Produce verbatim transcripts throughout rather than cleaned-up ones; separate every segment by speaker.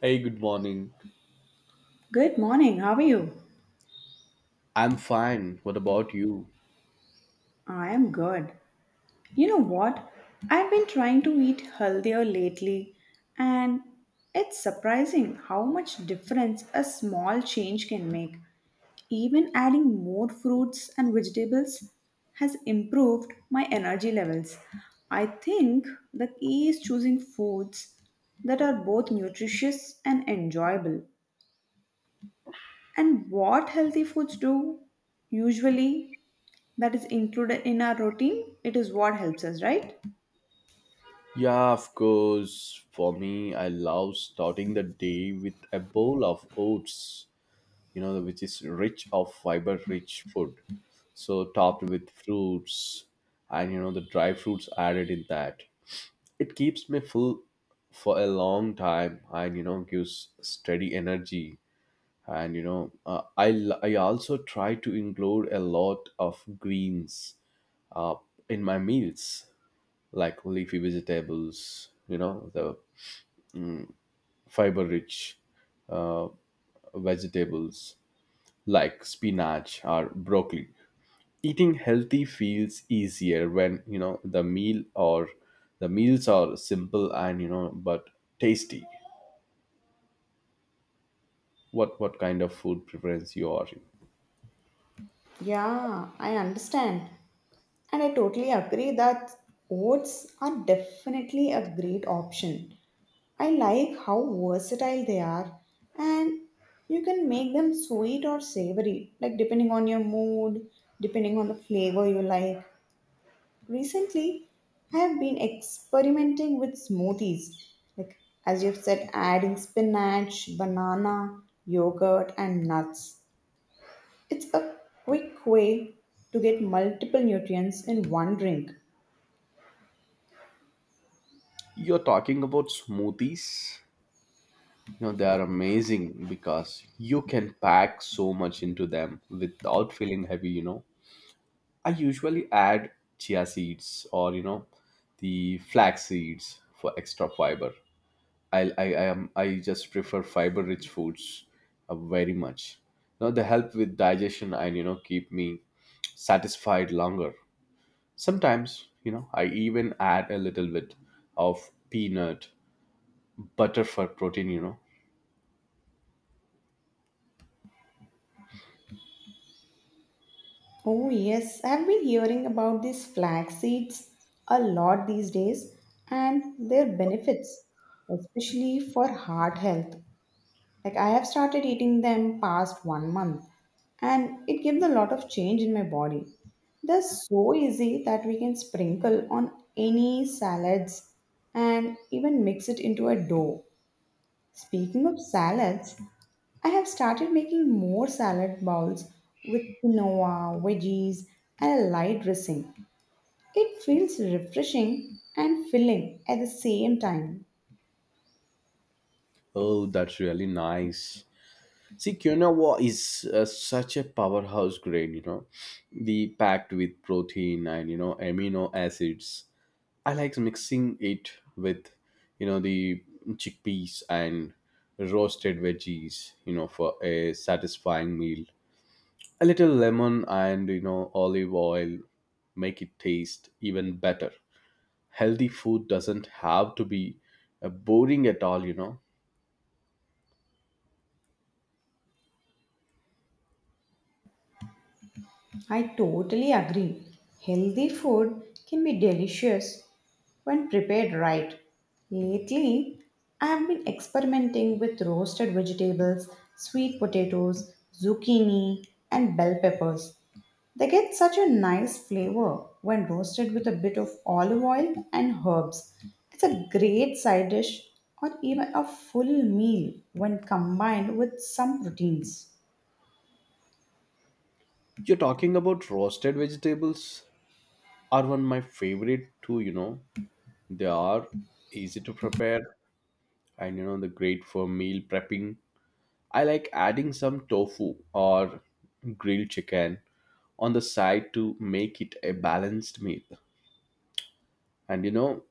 Speaker 1: Hey, good morning.
Speaker 2: Good morning. How are you?
Speaker 1: I'm fine. What about you?
Speaker 2: I am good. You know what? I've been trying to eat healthier lately, and it's surprising how much difference a small change can make. Even adding more fruits and vegetables has improved my energy levels. I think the key is choosing foods that are both nutritious and enjoyable. And what healthy foods do usually that is included in our routine, it is what helps us, right?
Speaker 1: Yeah, of course. For me, I love starting the day with a bowl of oats, you know, which is rich of fiber-rich food. So topped with fruits and you know the dry fruits added in that. It keeps me full for a long time, and you know gives steady energy. And you know, uh, I l- I also try to include a lot of greens uh, in my meals, like leafy vegetables, you know, the fiber rich uh, vegetables like spinach or broccoli. Eating healthy feels easier when, you know, the meal or the meals are simple and, you know, but tasty. What what kind of food preference you are in?
Speaker 2: Yeah, I understand. And I totally agree that oats are definitely a great option. I like how versatile they are, and you can make them sweet or savory, like depending on your mood, depending on the flavor you like. Recently, I have been experimenting with smoothies, like as you've said, adding spinach, banana, yogurt, and nuts. It's a quick way to get multiple nutrients in one drink.
Speaker 1: You're talking about smoothies. You know, they are amazing because you can pack so much into them without feeling heavy, you know I usually add chia seeds or you know the flax seeds for extra fiber. I I, I am I just prefer fiber rich foods uh, very much. Now they help with digestion, and you know keep me satisfied longer. Sometimes you know I even add a little bit of peanut butter for protein. You know
Speaker 2: Oh, yes, I've been hearing about these flax seeds a lot these days and their benefits, especially for heart health. Like, I have started eating them past one month, and it gives a lot of change in my body. They're so easy that we can sprinkle on any salads and even mix it into a dough. Speaking of salads, I have started making more salad bowls with quinoa, veggies, and a light dressing. It feels refreshing and filling at the same time.
Speaker 1: oh, that's really nice. See, quinoa is uh, such a powerhouse grain, you know, the packed with protein and you know amino acids. I like mixing it with, you know, the chickpeas and roasted veggies, you know, for a satisfying meal. A little lemon and you know olive oil make it taste even better. Healthy food doesn't have to be uh, boring at all, you know.
Speaker 2: I totally agree. Healthy food can be delicious when prepared right. Lately, I have been experimenting with roasted vegetables, sweet potatoes, zucchini, and bell peppers. They get such a nice flavor when roasted with a bit of olive oil and herbs. It's a great side dish or even a full meal when combined with some proteins.
Speaker 1: You're talking about roasted vegetables, are one my favorite too, you know they are easy to prepare, and you know the great for meal prepping. I like adding some tofu or grilled chicken on the side to make it a balanced meal, and you know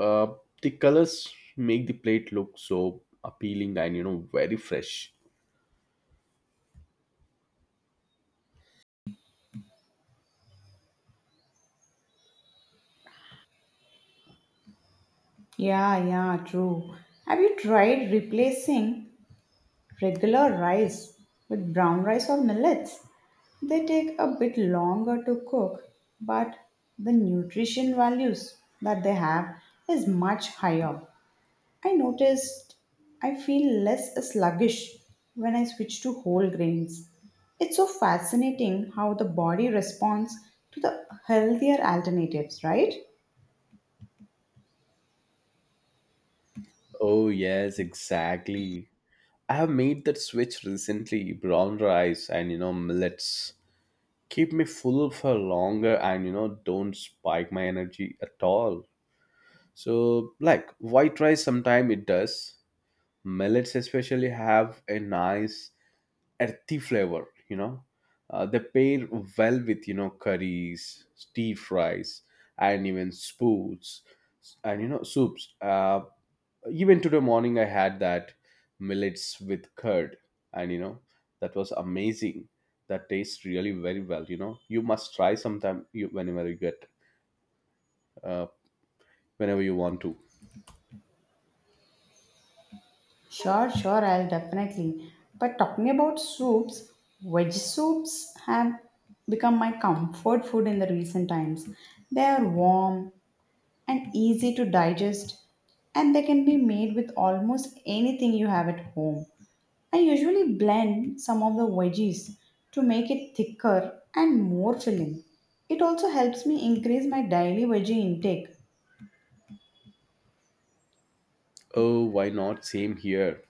Speaker 1: uh, the colors make the plate look so appealing, and you know very fresh.
Speaker 2: Yeah, yeah, true. Have you tried replacing regular rice with brown rice or millets? They take a bit longer to cook, but the nutrition values that they have is much higher. I noticed I feel less sluggish when I switch to whole grains. It's so fascinating how the body responds to the healthier alternatives, right?
Speaker 1: Oh yes, exactly. I have made that switch recently. Brown rice and you know millets keep me full for longer, and you know don't spike my energy at all, so like white rice sometimes it does. Millets especially have a nice earthy flavor, you know uh, they pair well with you know curries, stir fries, and even spoons, and you know soups. Uh, even today morning I had that millets with curd, and you know that was amazing. That tastes really very well, you know you must try sometime, you, whenever you get uh, whenever you want to.
Speaker 2: Sure, sure, I'll definitely. But talking about soups, veg soups have become my comfort food in the recent times. They are warm, and easy to digest, and they can be made with almost anything you have at home. I usually blend some of the veggies to make it thicker and more filling. It also helps me increase my daily veggie intake.
Speaker 1: Oh, why not? Same here.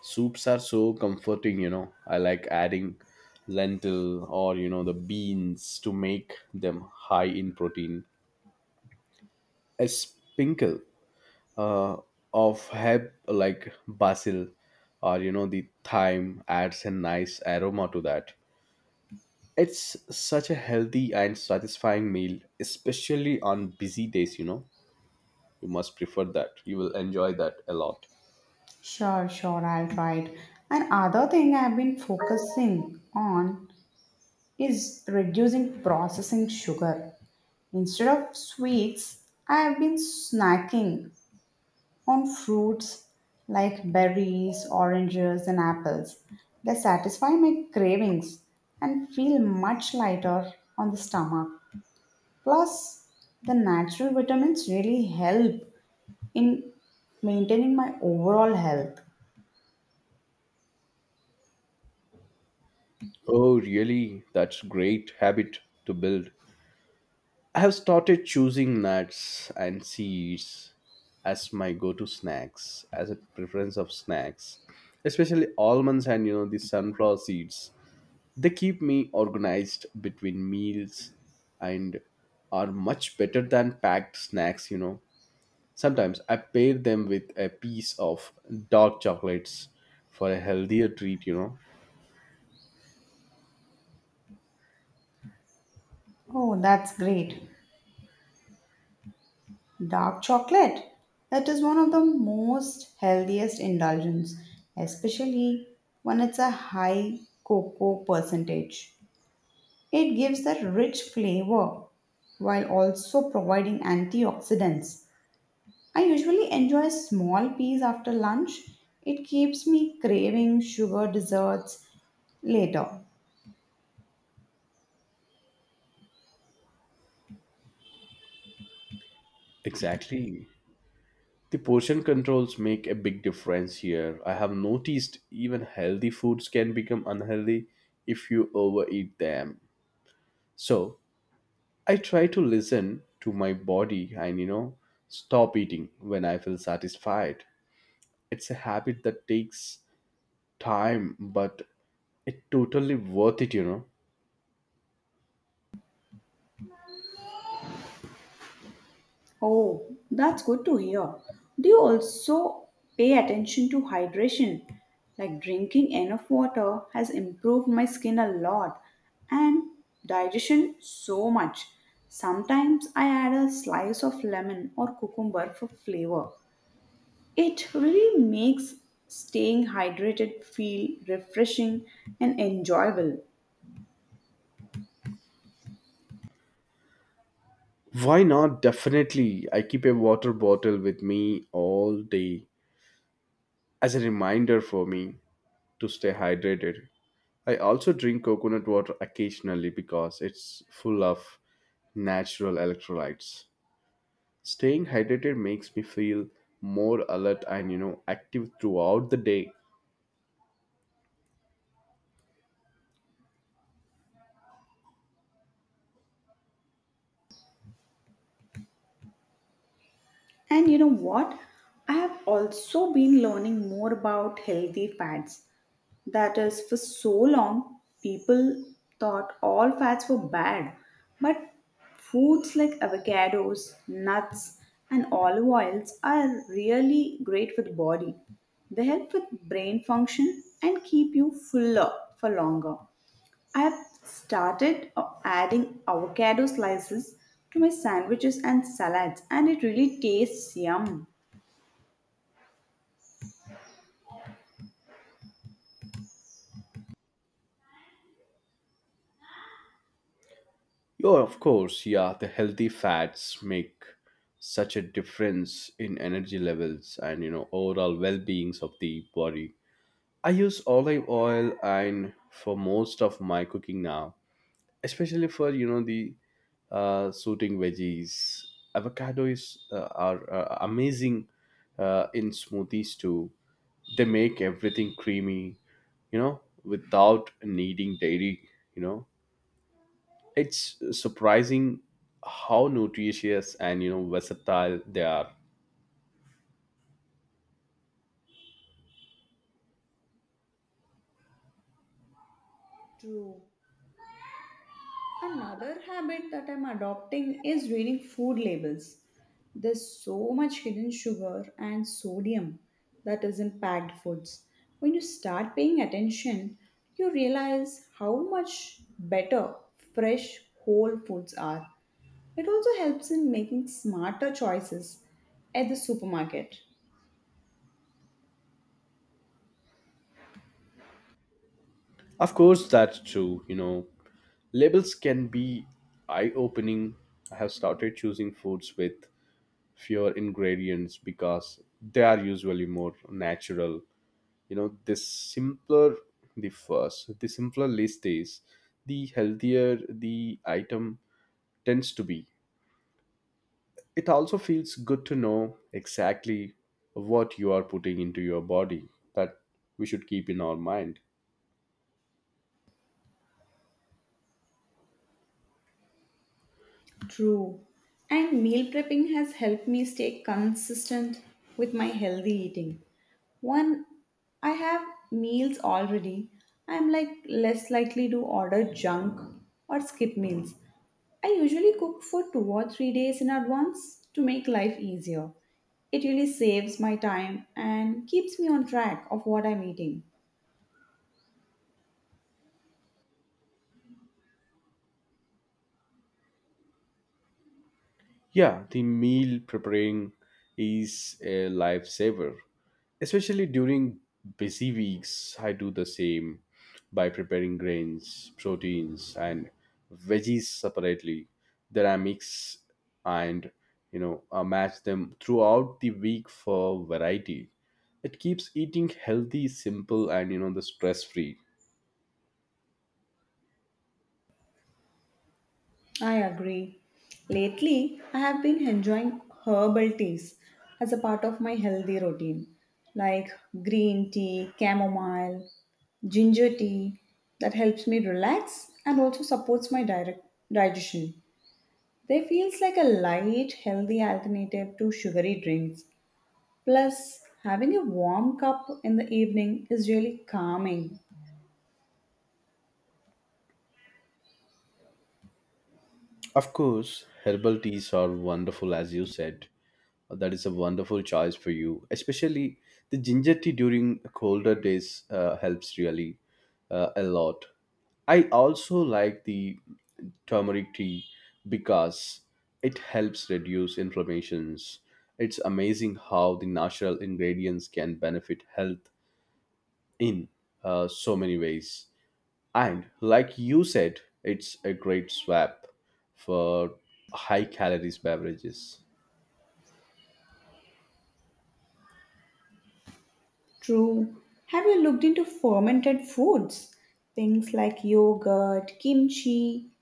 Speaker 1: Soups are so comforting, you know I like adding lentil or you know the beans to make them high in protein. A sprinkle uh, of herb like basil or you know the thyme adds a nice aroma to that. It's such a healthy and satisfying meal, especially on busy days, you know you must prefer that, you will enjoy that a lot.
Speaker 2: Sure, sure, I'll try it. And other thing I've been focusing on is reducing processing sugar. Instead of sweets, I have been snacking on fruits like berries, oranges, and apples. They satisfy my cravings and feel much lighter on the stomach. Plus, the natural vitamins really help in maintaining my overall health.
Speaker 1: Oh really, that's great habit to build. I have started choosing nuts and seeds as my go-to snacks, as a preference of snacks, especially almonds and you know the sunflower seeds. They keep me organized between meals, and are much better than packed snacks, you know. Sometimes I pair them with a piece of dark chocolates for a healthier treat, you know.
Speaker 2: Oh, that's great. Dark chocolate. That is one of the most healthiest indulgence, especially when it's a high cocoa percentage. It gives a rich flavor while also providing antioxidants. I usually enjoy small peas after lunch. It keeps me craving sugar desserts later.
Speaker 1: Exactly. The portion controls make a big difference here. I have noticed even healthy foods can become unhealthy if you overeat them. So I try to listen to my body, and you know stop eating when I feel satisfied. It's a habit that takes time, but it totally worth it, you know.
Speaker 2: Oh, that's good to hear. Do you also pay attention to hydration? Like drinking enough water has improved my skin a lot and digestion so much. Sometimes I add a slice of lemon or cucumber for flavor. It really makes staying hydrated feel refreshing and enjoyable.
Speaker 1: Why not? Definitely. I keep a water bottle with me all day as a reminder for me to stay hydrated. I also drink coconut water occasionally because it's full of natural electrolytes. Staying hydrated makes me feel more alert, and you know active throughout the day.
Speaker 2: And you know what? I have also been learning more about healthy fats. That is, for so long, people thought all fats were bad. But foods like avocados, nuts, and olive oils are really great for the body. They help with brain function and keep you fuller for longer. I've started uh, adding avocado slices to my sandwiches and salads, and it really tastes yum.
Speaker 1: Yeah, of course. Yeah, the healthy fats make such a difference in energy levels, and you know overall well-beings of the body. I use olive oil and for most of my cooking now, especially for you know the uh, suiting veggies. Avocado is uh, are uh, amazing uh, in smoothies too. They make everything creamy, you know, without needing dairy. You know, it's surprising how nutritious and you know versatile they are.
Speaker 2: True. Another habit that I'm adopting is reading food labels. There's so much hidden sugar and sodium that is in packed foods. When you start paying attention, you realize how much better fresh whole foods are. It also helps in making smarter choices at the supermarket.
Speaker 1: Of course, that's true, you know labels can be eye opening. I have started choosing foods with fewer ingredients, because they are usually more natural. You know the simpler, the first, the simpler list is, the healthier the item tends to be. It also feels good to know exactly what you are putting into your body, that we should keep in our mind.
Speaker 2: True. And meal prepping has helped me stay consistent with my healthy eating. One, I have meals already. I'm like less likely to order junk or skip meals. I usually cook for two or three days in advance to make life easier. It really saves my time and keeps me on track of what I'm eating.
Speaker 1: Yeah, the meal preparing is a lifesaver. Especially during busy weeks, I do the same by preparing grains, proteins, and veggies separately. Then I mix and you know uh, match them throughout the week for variety. It keeps eating healthy, simple, and you know the stress free.
Speaker 2: I agree. Lately, I have been enjoying herbal teas as a part of my healthy routine, like green tea, chamomile, ginger tea that helps me relax and also supports my direct digestion. They feels like a light, healthy alternative to sugary drinks. Plus, having a warm cup in the evening is really calming.
Speaker 1: Of course, herbal teas are wonderful, as you said. Uh, That is a wonderful choice for you, especially the ginger tea during colder days uh, helps really uh, a lot. I also like the turmeric tea because it helps reduce inflammations. It's amazing how the natural ingredients can benefit health in uh, so many ways. And like you said, it's a great swap for high calories beverages.
Speaker 2: True. Have you looked into fermented foods? Things like yogurt, kimchi,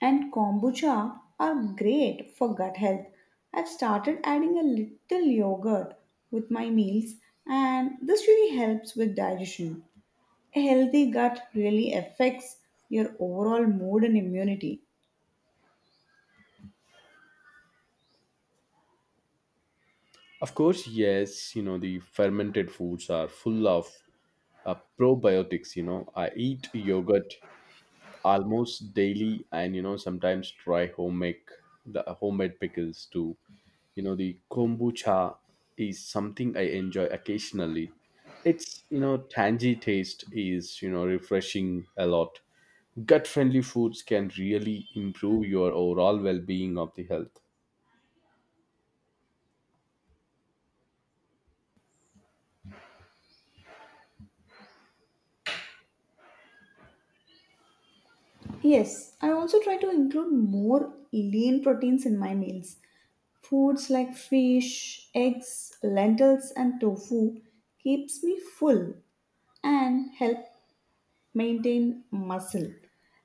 Speaker 2: and kombucha are great for gut health. I've started adding a little yogurt with my meals, and this really helps with digestion. A healthy gut really affects your overall mood and immunity.
Speaker 1: Of course, yes, you know, the fermented foods are full of uh, probiotics. You know, I eat yogurt almost daily, and, you know, sometimes try homemade, the homemade pickles too. You know, the kombucha is something I enjoy occasionally. It's, you know, tangy taste is, you know, refreshing a lot. Gut friendly foods can really improve your overall well-being of the health.
Speaker 2: Yes, I also try to include more lean proteins in my meals. Foods like fish, eggs, lentils and tofu keeps me full and help maintain muscle.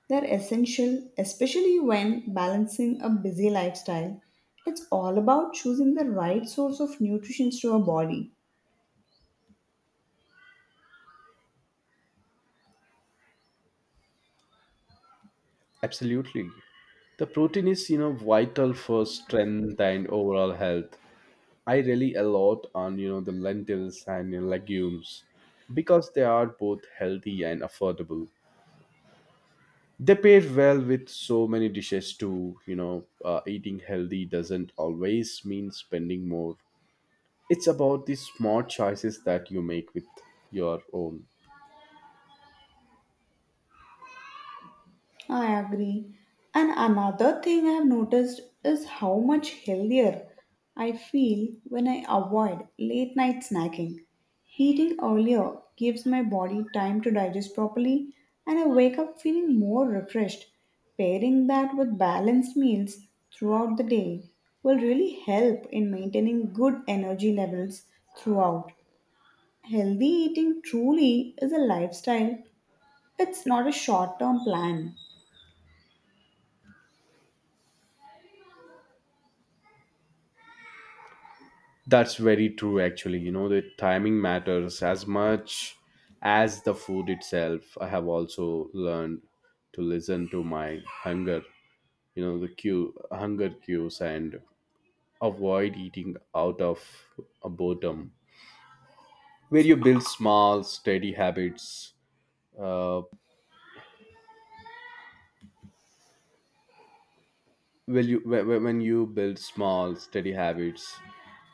Speaker 2: They're essential especially when balancing a busy lifestyle. It's all about choosing the right source of nutrition to our body.
Speaker 1: Absolutely. The protein is you know vital for strength and overall health. I rely a lot on you know the lentils and, you know, legumes, because they are both healthy and affordable. They pair well with so many dishes too, you know uh, eating healthy doesn't always mean spending more. It's about the smart choices that you make with your own.
Speaker 2: I agree. And another thing I've noticed is how much healthier I feel when I avoid late night snacking. Eating earlier gives my body time to digest properly, and I wake up feeling more refreshed. Pairing that with balanced meals throughout the day will really help in maintaining good energy levels throughout. Healthy eating truly is a lifestyle, it's not a short term plan.
Speaker 1: That's very true, actually. You know, the timing matters as much as the food itself. I have also learned to listen to my hunger, you know, the cue, hunger cues, and avoid eating out of a boredom. Where you build small, steady habits, uh, well, you when when- when you build small, steady habits,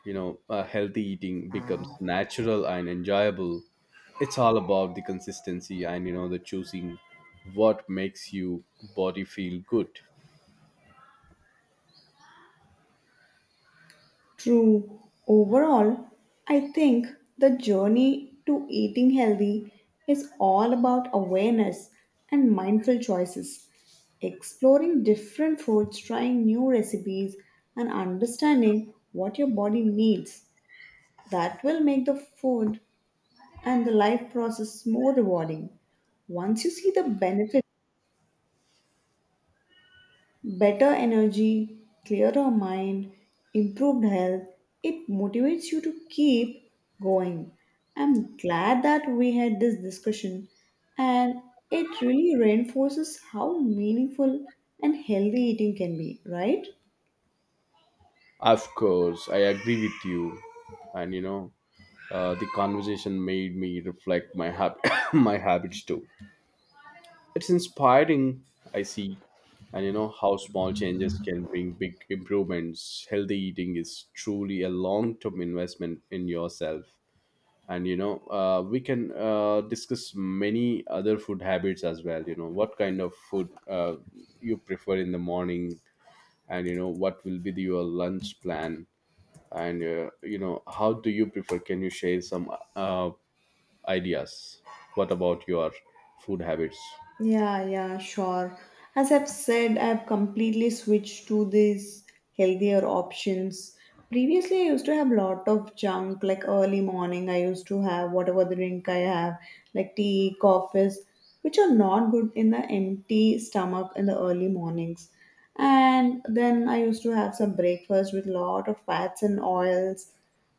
Speaker 1: you know, uh, healthy eating becomes natural and enjoyable. It's all about the consistency, and you know the choosing what makes you body feel good.
Speaker 2: True. Overall, I think the journey to eating healthy is all about awareness and mindful choices, exploring different foods, trying new recipes, and understanding what your body needs. That will make the food and the life process more rewarding. Once you see the benefits, better energy, clearer mind, improved health. It motivates you to keep going. I'm glad that we had this discussion and it really reinforces how meaningful and healthy eating can be, right?
Speaker 1: Of course, I agree with you, and you know, uh, the conversation made me reflect my hab- my habits too. It's inspiring, I see, and you know how small changes can bring big improvements. Healthy eating is truly a long term investment in yourself. And you know, uh, we can uh, discuss many other food habits as well. You know, what kind of food uh, you prefer in the morning, and you know, what will be the, your lunch plan, and uh, you know, how do you prefer? Can you share some uh, ideas? What about your food habits?
Speaker 2: Yeah, yeah, sure. As I've said, I've completely switched to these healthier options. Previously, I used to have lot of junk, like early morning, I used to have whatever drink I have, like tea, coffees, which are not good in the empty stomach in the early mornings. And then I used to have some breakfast with lot of fats and oils,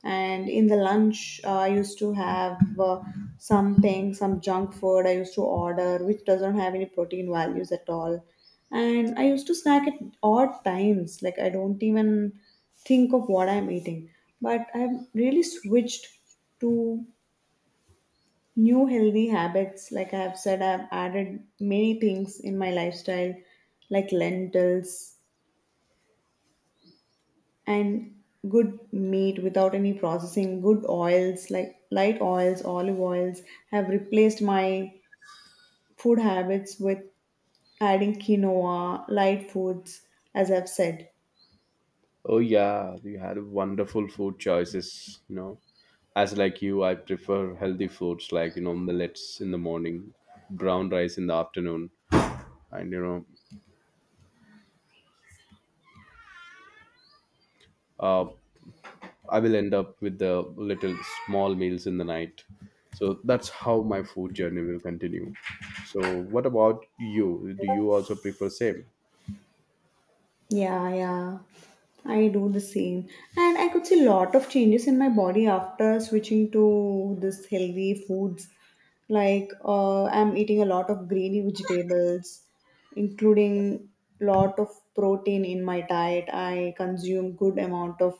Speaker 2: and in the lunch uh, I used to have uh, something some junk food I used to order which doesn't have any protein values at all. And I used to snack at odd times, like I don't even think of what I'm eating. But I've really switched to new healthy habits, like I have said, I've added many things in my lifestyle, like lentils and good meat without any processing, good oils like light oils, olive oils have replaced my food habits with adding quinoa, light foods, as I've said.
Speaker 1: Oh yeah, you had wonderful food choices, you know. As like you, I prefer healthy foods like, you know, millets in the morning, brown rice in the afternoon, and you know, uh, I will end up with the little small meals in the night. So that's how my food journey will continue. So what about you? Do you also prefer same?
Speaker 2: Yeah, yeah, I do the same. And I could see a lot of changes in my body after switching to this healthy foods. Like uh, I'm eating a lot of greeny vegetables, including lot of protein in my diet. I consume good amount of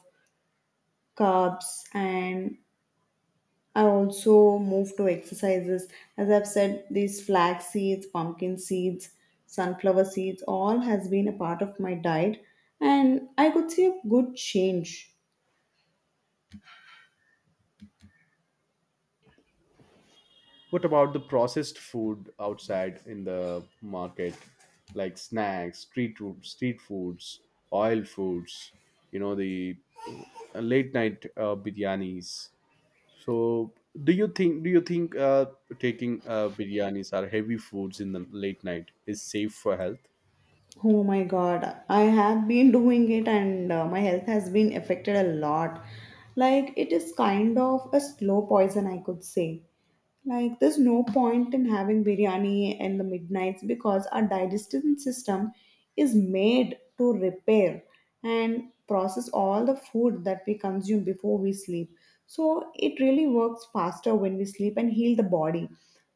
Speaker 2: carbs and I also move to exercises. As I've said, these flax seeds, pumpkin seeds, sunflower seeds, all has been a part of my diet and I could see a good change.
Speaker 1: What about the processed food outside in the market, like snacks, street food, street foods, oil foods, you know, the uh, late night uh, biryanis? So, do you think do you think uh, taking uh, biryanis or heavy foods in the late night is safe for health?
Speaker 2: Oh my god, I have been doing it and uh, my health has been affected a lot. Like, it is kind of a slow poison, I could say. Like, there's no point in having biryani in the midnights because our digestive system is made to repair and process all the food that we consume before we sleep. So, it really works faster when we sleep and heal the body.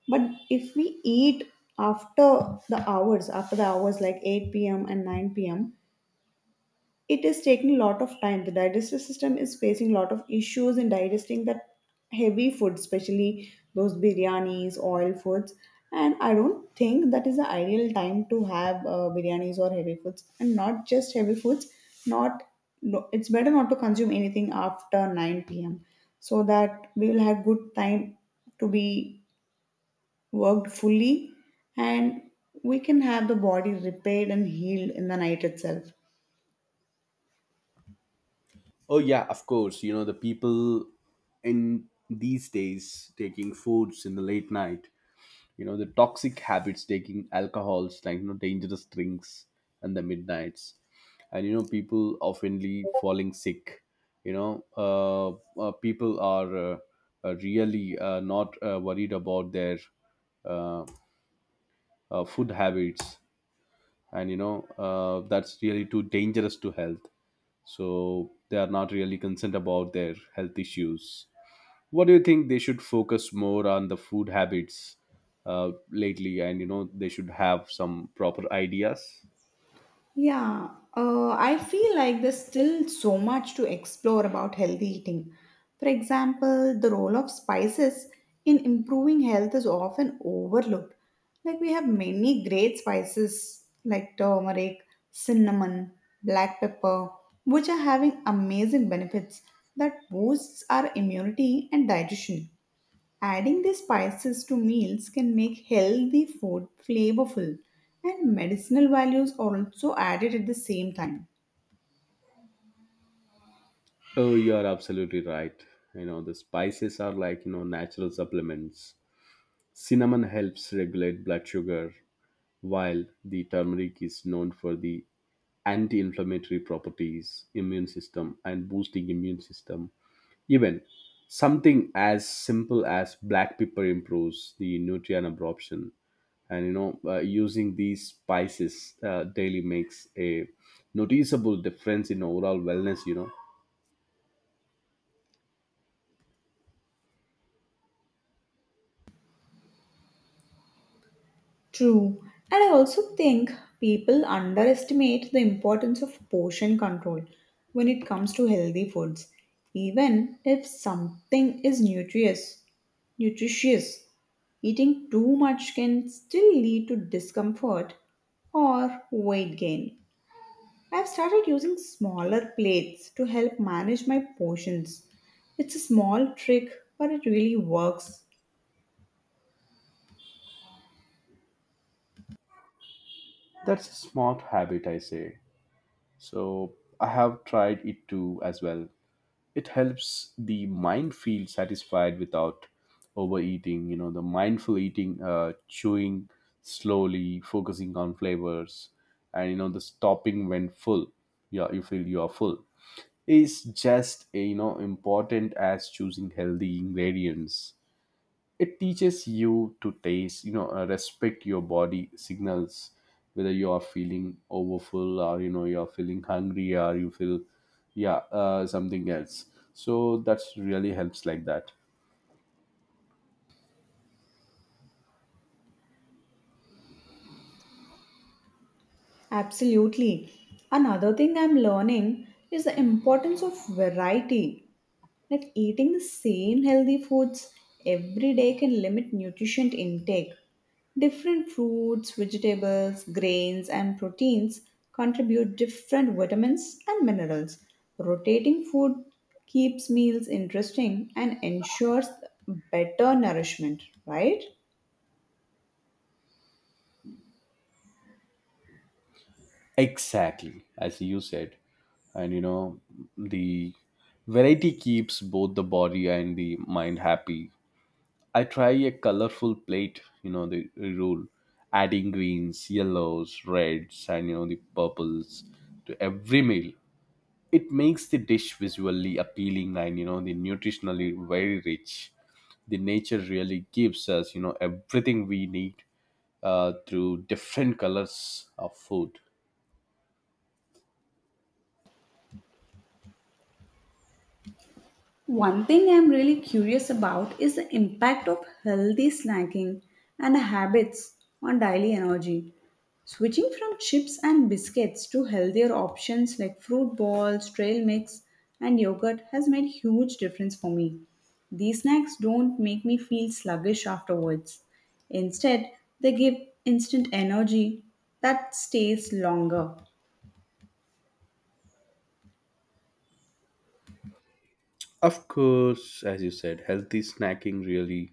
Speaker 2: But if we eat after the hours, after the hours like eight p m and nine p m, it is taking a lot of time. The digestive system is facing a lot of issues in digesting that heavy food, especially those biryanis, oil foods. And I don't think that is the ideal time to have uh, biryanis or heavy foods, and not just heavy foods. Not no, it's better not to consume anything after nine p m so that we will have good time to be worked fully, and we can have the body repaired and healed in the night itself.
Speaker 1: Oh yeah, of course. You know the people in these days taking foods in the late night, you know the toxic habits, taking alcohols, like you know dangerous drinks and the midnights, and you know people oftenly falling sick. you know uh, uh, People are uh, uh, really uh, not uh, worried about their uh, uh, food habits, and you know uh, that's really too dangerous to health, so they are not really concerned about their health issues. What do you think? They should focus more on the food habits uh, lately, and you know they should have some proper ideas.
Speaker 2: Yeah, uh, I feel like there's still so much to explore about healthy eating. For example, the role of spices in improving health is often overlooked. Like, we have many great spices like turmeric, cinnamon, black pepper, which are having amazing benefits that boosts our immunity and digestion. Adding these spices to meals can make healthy food flavorful, and medicinal values are also added at the same time.
Speaker 1: Oh you are absolutely right. You know, the spices are like you know natural supplements. Cinnamon helps regulate blood sugar, while the turmeric is known for the anti-inflammatory properties immune system and boosting immune system. Even something as simple as black pepper improves the nutrient absorption, and you know, uh, using these spices uh, daily makes a noticeable difference in overall wellness, you know.
Speaker 2: True. And I also think people underestimate the importance of portion control when it comes to healthy foods. Even if something is nutritious, nutritious, eating too much can still lead to discomfort or weight gain. I've started using smaller plates to help manage my portions. It's a small trick, but it really works.
Speaker 1: That's a smart habit, I say. So I have tried it too as well. It helps the mind feel satisfied without overeating. You know the mindful eating, uh, chewing slowly, focusing on flavors, and you know the stopping when full, yeah, you feel you are full, is just you know important as choosing healthy ingredients. It teaches you to taste, you know uh, respect your body signals, whether you are feeling overfull, or you know you are feeling hungry, or you feel, yeah, uh, something else. So that's really helps like that.
Speaker 2: Absolutely. Another thing I'm learning is the importance of variety. Like eating the same healthy foods every day can limit nutrition intake. Different fruits, vegetables, grains, and proteins contribute different vitamins and minerals. Rotating food keeps meals interesting and ensures better nourishment, right?
Speaker 1: Exactly, as you said. And you know the variety keeps both the body and the mind happy. I try a colorful plate, you know, the rule, adding greens, yellows, reds, and you know, the purples to every meal. It makes the dish visually appealing, and you know, the nutritionally very rich. The nature really gives us, you know, everything we need uh, through different colors of food.
Speaker 2: One thing I'm really curious about is the impact of healthy snacking and habits on daily energy. Switching from chips and biscuits to healthier options like fruit balls, trail mix, and yogurt has made huge difference for me. These snacks don't make me feel sluggish afterwards. Instead, they give instant energy that stays longer.
Speaker 1: Of course, as you said, healthy snacking really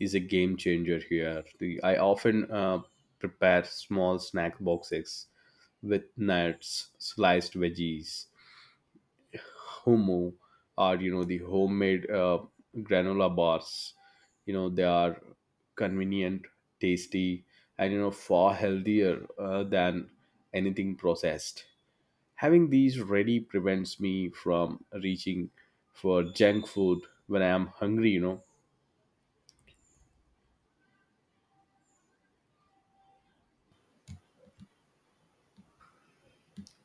Speaker 1: is a game changer here. The, I often uh, prepare small snack boxes with nuts, sliced veggies, hummus, or you know the homemade uh, granola bars. You know, they are convenient, tasty, and you know far healthier uh, than anything processed. Having these ready prevents me from reaching for junk food when I am hungry, you know.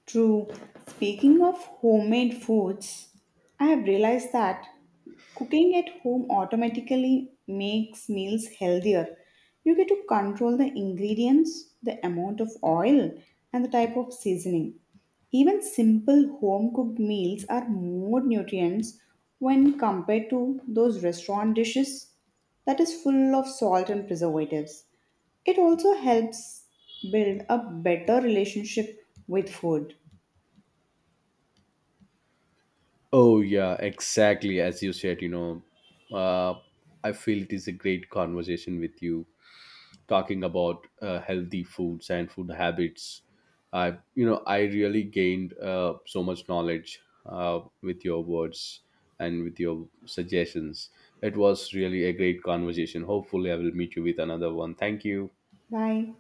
Speaker 2: True. Speaking of homemade foods, I have realized that cooking at home automatically makes meals healthier. You get to control the ingredients, the amount of oil, and the type of seasoning. Even simple home cooked meals are more nutrients when compared to those restaurant dishes that is full of salt and preservatives. It also helps build a better relationship with food.
Speaker 1: Oh yeah, exactly as you said. You know, uh, I feel it is a great conversation with you, talking about uh, healthy foods and food habits. I you know i really gained uh, so much knowledge uh, with your words and with your suggestions. It was really a great conversation. Hopefully I will meet you with another one. Thank you.
Speaker 2: Bye.